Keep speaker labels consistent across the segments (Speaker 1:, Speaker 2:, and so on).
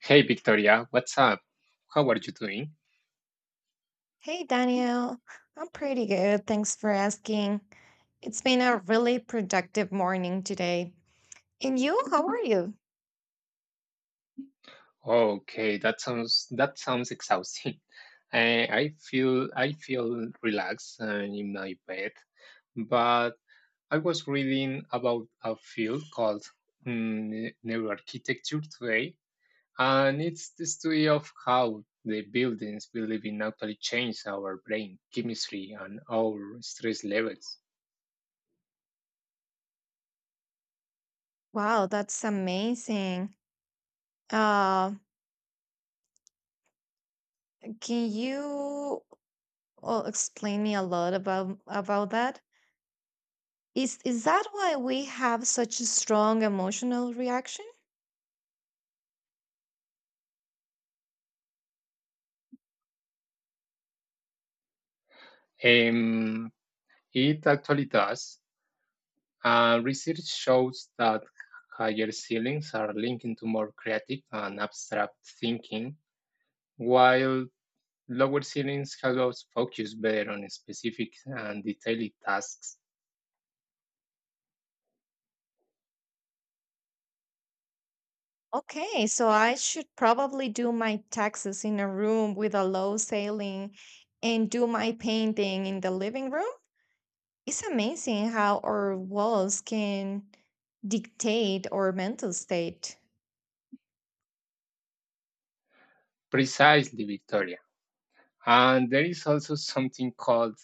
Speaker 1: Hey Victoria, what's up? How are you doing?
Speaker 2: Hey Daniel, I'm pretty good. Thanks for asking. It's been a really productive morning today. And you, how are you?
Speaker 1: Okay, that sounds exhausting. I feel relaxed in my bed, but I was reading about a field called neuroarchitecture today, and it's the study of how the buildings we live in actually change our brain chemistry and our stress levels.
Speaker 2: Wow, that's amazing. Uh, can you explain me a lot about that? Is that why we have such a strong emotional reaction?
Speaker 1: Um, it actually does. Research shows that higher ceilings are linked to more creative and abstract thinking, while lower ceilings help us focus better on specific and detailed tasks.
Speaker 2: Okay, so I should probably do my taxes in a room with a low ceiling and do my painting in the living room. It's amazing how our walls can dictate our mental state.
Speaker 1: Precisely, Victoria. And there is also something called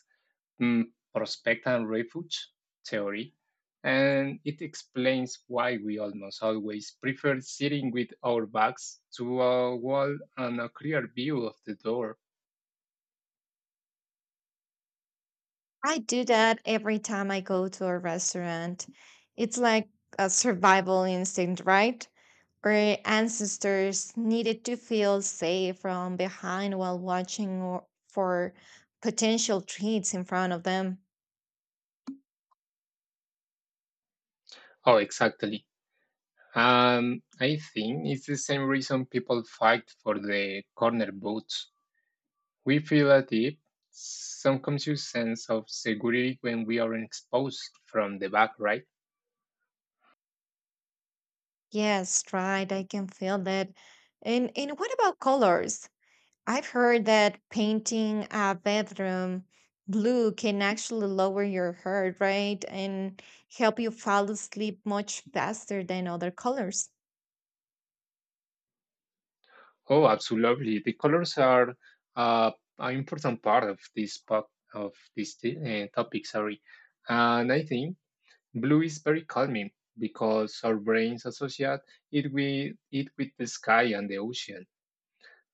Speaker 1: mm, prospect and refuge theory, and it explains why we almost always prefer sitting with our backs to a wall and a clear view of the door.
Speaker 2: I do that every time I go to a restaurant. It's like a survival instinct, right? Our ancestors needed to feel safe from behind while for potential treats in front of them.
Speaker 1: Oh, exactly. I think it's the same reason people fight for the corner boots. We feel a deep, some conscious sense of security when we are exposed from the back, right?
Speaker 2: Yes, right. I can feel that. And what about colors? I've heard that painting a bedroom blue can actually lower your heart right, and help you fall asleep much faster than other colors.
Speaker 1: Oh, absolutely. The colors are uh, an important part of this pop, of this t- topic. Sorry, and I think blue is very calming because our brains associate it with the sky and the ocean.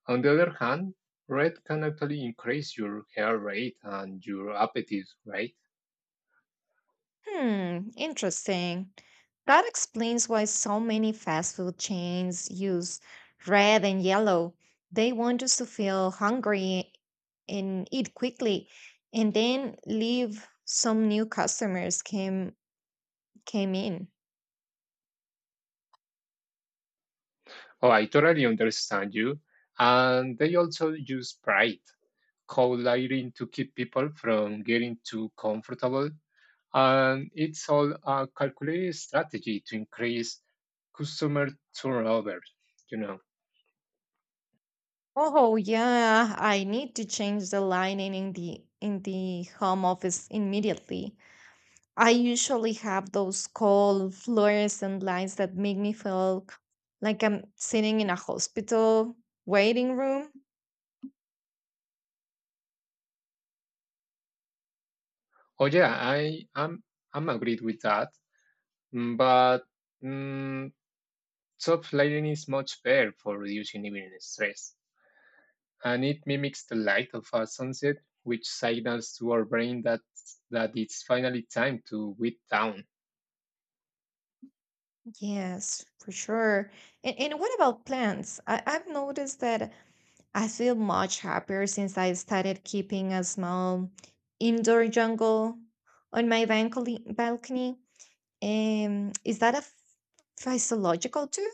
Speaker 1: On the other hand, red can actually increase your hair rate and your appetite rate.
Speaker 2: Hmm, interesting. That explains why so many fast food chains use red and yellow. They want us to feel hungry and eat quickly and then leave some new customers came in.
Speaker 1: Oh, I totally understand you. And they also use pride, cold lighting to keep people from getting too comfortable. And it's all a calculated strategy to increase customer turnover, you know.
Speaker 2: Oh yeah, I need to change the lining in the home office immediately. I usually have those cold fluorescent lights that make me like I'm sitting in a hospital waiting room.
Speaker 1: Oh yeah, I agreed with that. But mm, soft lighting is much better for reducing evening stress, and it mimics the light of a sunset, which signals to our brain that it's finally time to wind down.
Speaker 2: Yes, for sure. And what about plants? I've noticed that I feel much happier since I started keeping a small indoor jungle on my balcony. Is that a physiological too?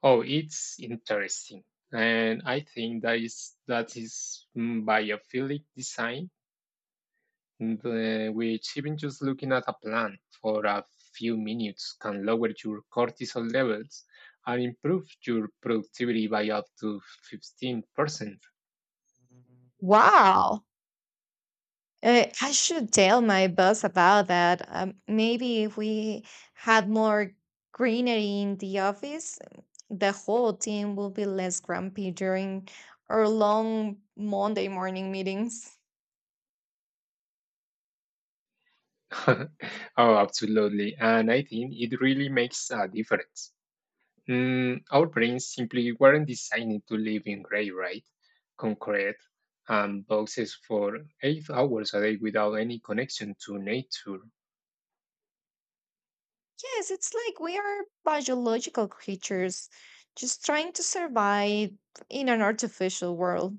Speaker 1: Oh, it's interesting, and I think biophilic design the, which even just looking at a plant for a few minutes can lower your cortisol levels and improve your productivity by up to 15%.
Speaker 2: Wow. I should tell my boss about that. Maybe if we had more greenery in the office, the whole team will be less grumpy during our long Monday morning meetings.
Speaker 1: Oh, absolutely. And I think it really makes a difference. Our brains simply weren't designed to live in gray, right? Concrete and boxes for 8 hours a day without any connection to nature.
Speaker 2: Yes, it's like we are biological creatures just trying to survive in an artificial world.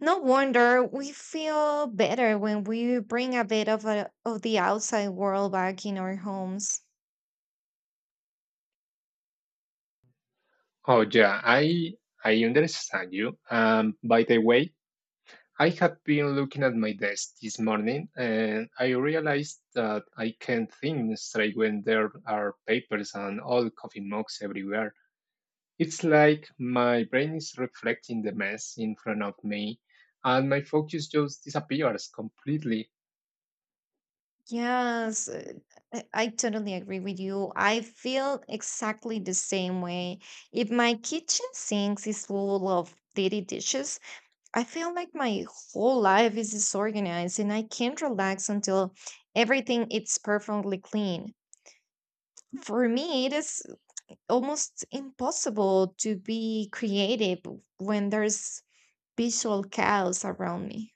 Speaker 2: No wonder we feel better when we bring a bit of the outside world back in our homes.
Speaker 1: Oh yeah, I understand you. By the way, I have been looking at my desk this morning, and I realized that I can't think straight when there are papers and old coffee mugs everywhere. It's like my brain is reflecting the mess in front of me, and my focus just disappears completely.
Speaker 2: Yes, I totally agree with you. I feel exactly the same way. If my kitchen sinks is full of dirty dishes, I feel like my whole life is disorganized and I can't relax until everything is perfectly clean. For me, it is almost impossible to be creative when there's visual chaos around me.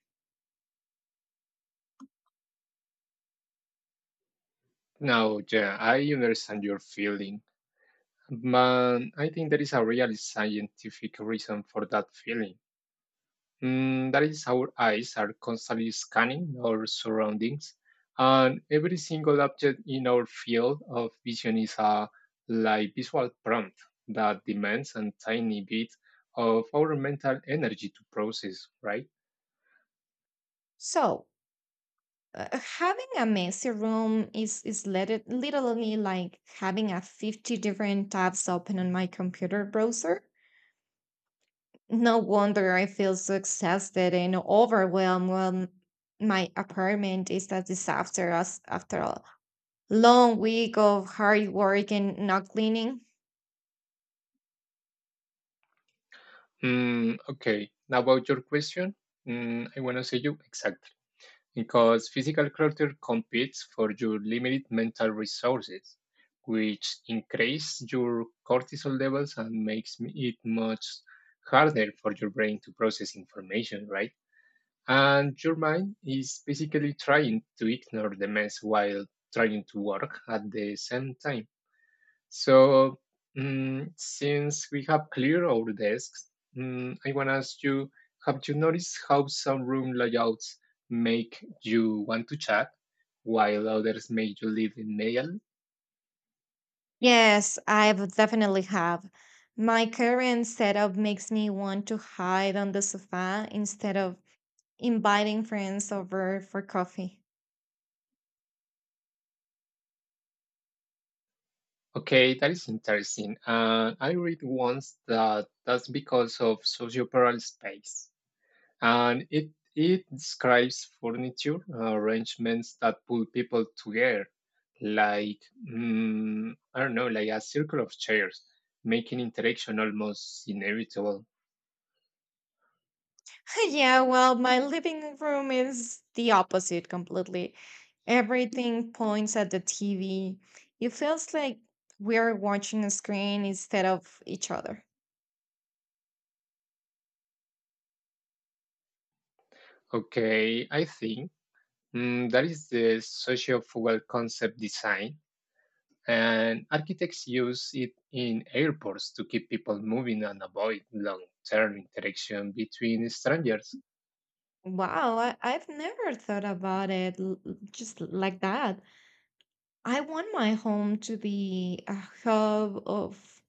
Speaker 1: Now, yeah, I understand your feeling, but I think there is a real scientific reason for that feeling. That is, our eyes are constantly scanning our surroundings, and every single object in our field of vision is a live visual prompt that demands a tiny bit of our mental energy to process, right?
Speaker 2: So, having a messy room is literally like having a 50 different tabs open on my computer browser. No wonder I feel so exhausted and overwhelmed when my apartment is a disaster as after a long week of hard work and not cleaning.
Speaker 1: Okay, now about your question, I want to say you exactly, because physical culture competes for your limited mental resources, which increase your cortisol levels and makes it much harder for your brain to process information, right? And your mind is basically trying to ignore the mess while trying to work at the same time. So since we have cleared our desks, I want to ask you, have you noticed how some room layouts make you want to chat while others make you leave immediately?
Speaker 2: Yes, I would definitely have. My current setup makes me want to hide on the sofa instead of inviting friends over for coffee.
Speaker 1: Okay, that is interesting. I read once that that's because of socioparal space, and it describes furniture arrangements that pull people together, like I don't know, like a circle of chairs, making interaction almost inevitable.
Speaker 2: Yeah, well, my living room is the opposite completely. Everything points at the TV. It feels like we're watching a screen instead of each other.
Speaker 1: Okay, I think that is the sociofugal concept design, and architects use it in airports to keep people moving and avoid long-term interaction between strangers.
Speaker 2: Wow, I've never thought about it just like that. I want my home to be a hub of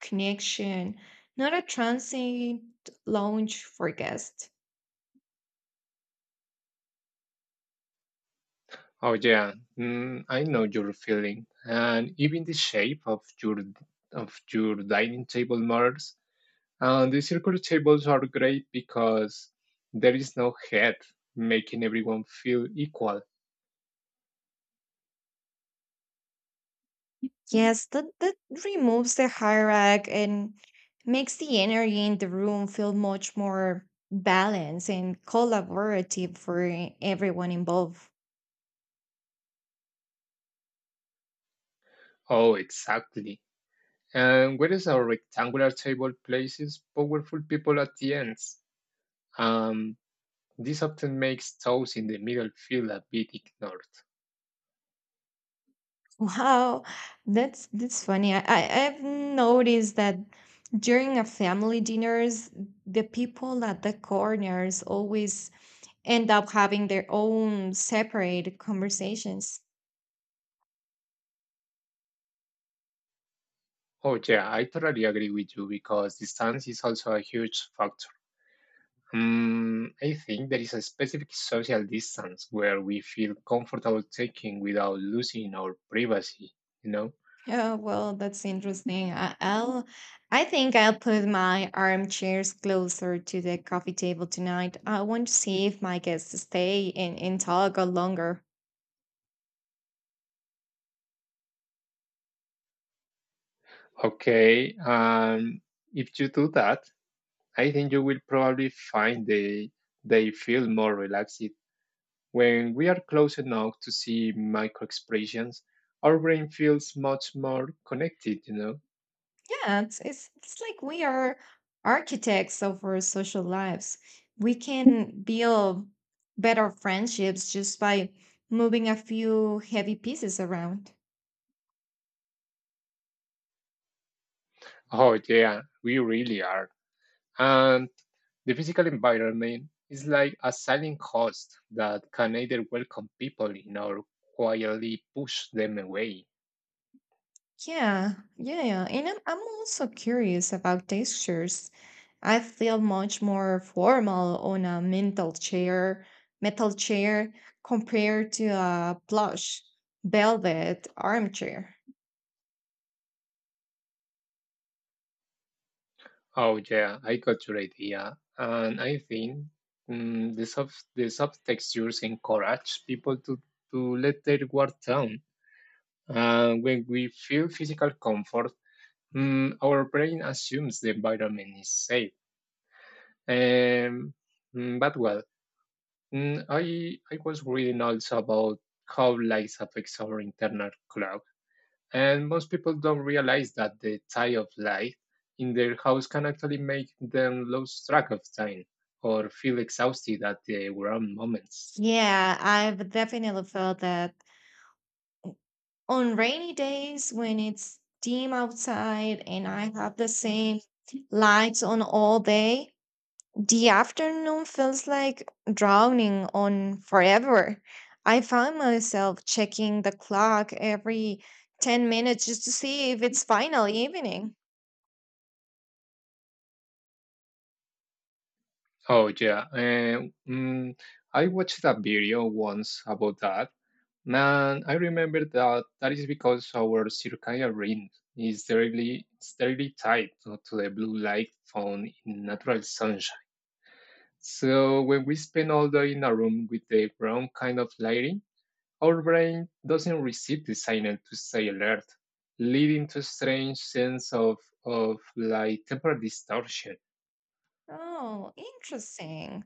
Speaker 2: connection, not a transient lounge for guests.
Speaker 1: Oh yeah, I know your feeling, and even the shape of your dining table matters. And the circular tables are great because there is no head, making everyone feel equal.
Speaker 2: Yes, that removes the hierarchy and makes the energy in the room feel much more balanced and collaborative for everyone involved.
Speaker 1: Oh, exactly. And whereas our rectangular table places powerful people at the ends, um, this often makes those in the middle feel a bit ignored.
Speaker 2: Wow, that's funny. I've noticed that during a family dinners, the people at the corners always end up having their own separate conversations.
Speaker 1: Oh yeah, I totally agree with you because distance is also a huge factor. Hmm. I think there is a specific social distance where we feel comfortable taking without losing our privacy, you know?
Speaker 2: Oh, well, that's interesting. I think I'll put my armchairs closer to the coffee table tonight. I want to see if my guests stay and talk a longer.
Speaker 1: Okay, if you do that, I think you will probably find they feel more relaxed. When we are close enough to see micro expressions, our brain feels much more connected, you know?
Speaker 2: Yeah, it's like we are architects of our social lives. We can build better friendships just by moving a few heavy pieces around.
Speaker 1: Oh yeah, we really are. And the physical environment is like a silent host that can either welcome people in or quietly push them away.
Speaker 2: Yeah, yeah, yeah. And I'm also curious about textures. I feel much more formal on a metal chair compared to a plush velvet armchair.
Speaker 1: Oh yeah, I got your idea, and I think the soft textures encourage people to let their guard down. And when we feel physical comfort, our brain assumes the environment is safe. Um, but I was reading also about how light affects our internal clock, and most people don't realize that the tie of light in their house can actually make them lose track of time or feel exhausted at the wrong moments.
Speaker 2: Yeah, I've definitely felt that on rainy days when it's dim outside and I have the same lights on all day. The afternoon feels like drowning on forever. I find myself checking the clock every 10 minutes just to see if it's finally evening.
Speaker 1: Oh yeah, mm, I watched a video once about that, and I remember that that is because our circadian rhythm is directly tied to the blue light found in natural sunshine. So when we spend all day in a room with the wrong kind of lighting, our brain doesn't receive the signal to stay alert, leading to strange sense of like temporal distortion.
Speaker 2: Oh, interesting.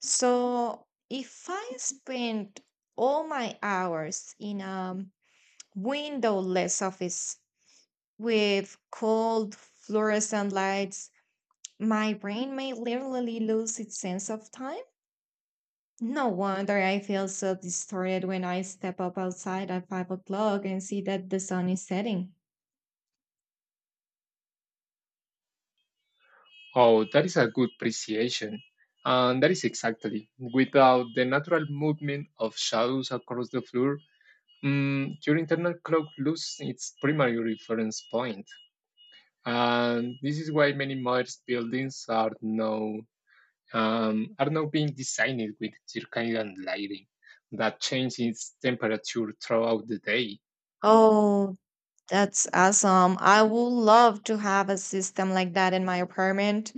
Speaker 2: So, if I spend all my hours in a windowless office with cold fluorescent lights, my brain may literally lose its sense of time. No wonder I feel so distorted when I step up outside at 5 o'clock and see that the sun is setting.
Speaker 1: Oh, that is a good appreciation. And that is exactly. Without the natural movement of shadows across the floor, your internal clock loses its primary reference point. And this is why many modern buildings are now being designed with circadian lighting that changes temperature throughout the day.
Speaker 2: Oh, that's awesome. I would love to have a system like that in my apartment.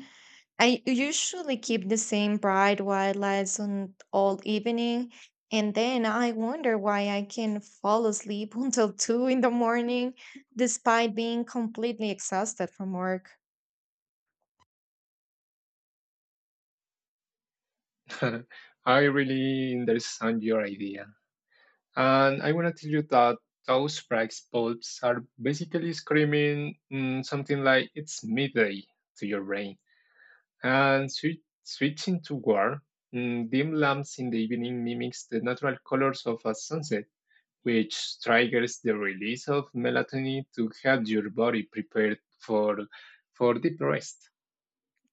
Speaker 2: I usually keep the same bright white lights on all evening, and then I wonder why I can fall asleep until 2 in the morning despite being completely exhausted from work.
Speaker 1: I really understand your idea. And I want to tell you that those price bulbs are basically screaming something like it's midday to your brain. And switching to warm, dim lamps in the evening mimics the natural colors of a sunset, which triggers the release of melatonin to help your body prepared for deep rest.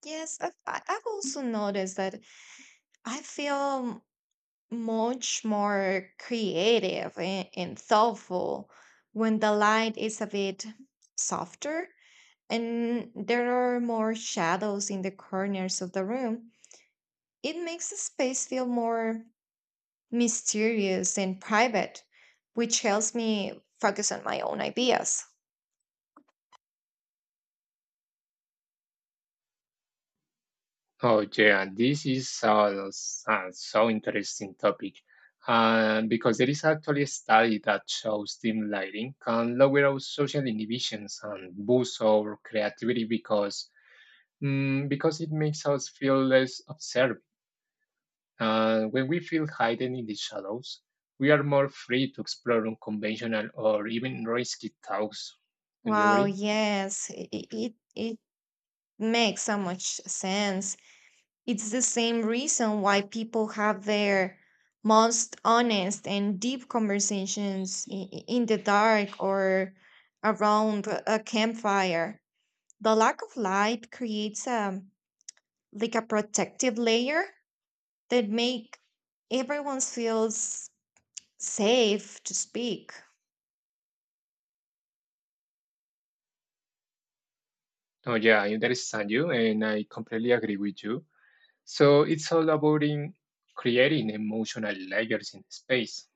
Speaker 2: Yes, I've also noticed that I feel much more creative and thoughtful when the light is a bit softer and there are more shadows in the corners of the room. It makes the space feel more mysterious and private, which helps me focus on my own ideas.
Speaker 1: Oh yeah, this is a so interesting topic, because there is actually a study that shows dim lighting can lower our social inhibitions and boost our creativity because because it makes us feel less observed. When we feel hidden in the shadows, we are more free to explore unconventional or even risky thoughts. Don't you
Speaker 2: Wow,
Speaker 1: agree?
Speaker 2: yes, it makes so much sense. It's the same reason why people have their most honest and deep conversations in the dark or around a campfire. The lack of light creates a like a protective layer that make everyone feels safe to speak.
Speaker 1: Oh yeah, I understand you, and I completely agree with you. So it's all about in creating emotional layers in space.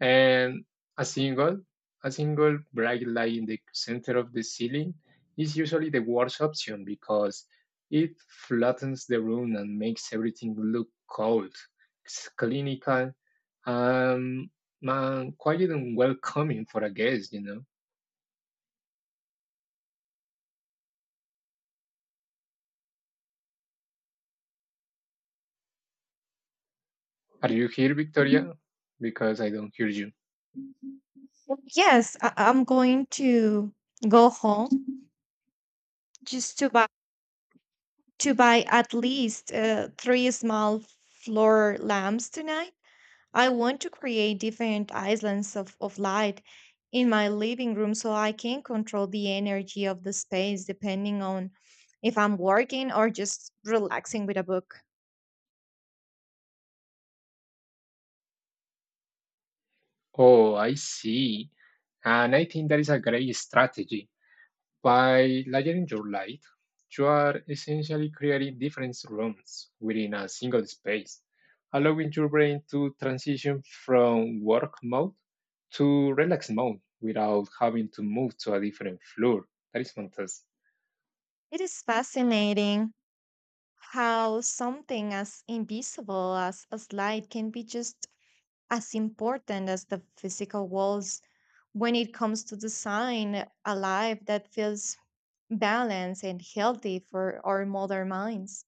Speaker 1: And a single, a single bright light in the center of the ceiling is usually the worst option because it flattens the room and makes everything look cold, it's clinical, um, and quiet and welcoming for a guest, you know. Are you here, Victoria? Because I don't hear you.
Speaker 2: Yes, I- I'm going to go home just to buy at least 3 small floor lamps tonight. I want to create different islands of light in my living room so I can control the energy of the space depending on if I'm working or just relaxing with a book.
Speaker 1: Oh, I see. And I think that is a great strategy. By layering your light, you are essentially creating different rooms within a single space, allowing your brain to transition from work mode to relax mode without having to move to a different floor. That is fantastic.
Speaker 2: It is fascinating how something as invisible as light can be just as important as the physical walls when it comes to design a life that feels balanced and healthy for our modern minds.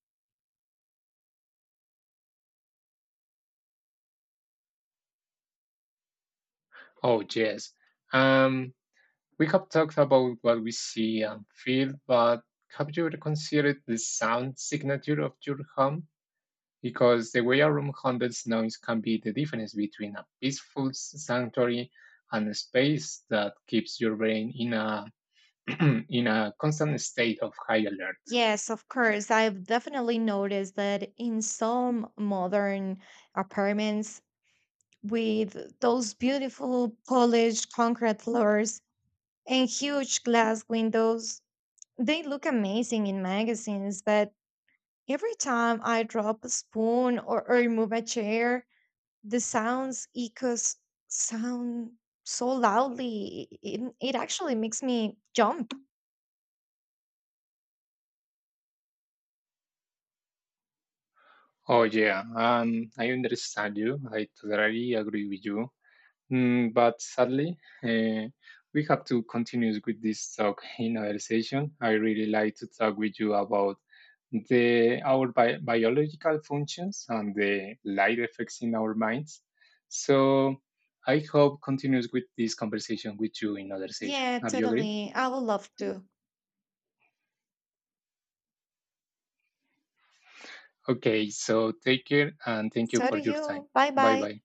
Speaker 1: Oh, yes. Um, we have talked about what we see and feel, but have you ever considered the sound signature of your home? Because the way a room handles noise can be the difference between a peaceful sanctuary and a space that keeps your brain in a in a constant state of high alert.
Speaker 2: Yes, of course. I've definitely noticed that in some modern apartments with those beautiful polished concrete floors and huge glass windows, they look amazing in magazines, but every time I drop a spoon or move a chair, the sound so loudly. It it actually makes me jump.
Speaker 1: Oh yeah, I understand you. I totally agree with you. But sadly, uh, we have to continue with this talk in another session. I really like to talk with you about the our biological functions and the light effects in our minds. So I hope continues with this conversation with you in another session.
Speaker 2: Yeah,
Speaker 1: Are you agree?
Speaker 2: totally. I would love to.
Speaker 1: Okay. So take care and thank you
Speaker 2: So do
Speaker 1: for your time.
Speaker 2: you. Bye
Speaker 1: Bye
Speaker 2: bye.
Speaker 1: bye.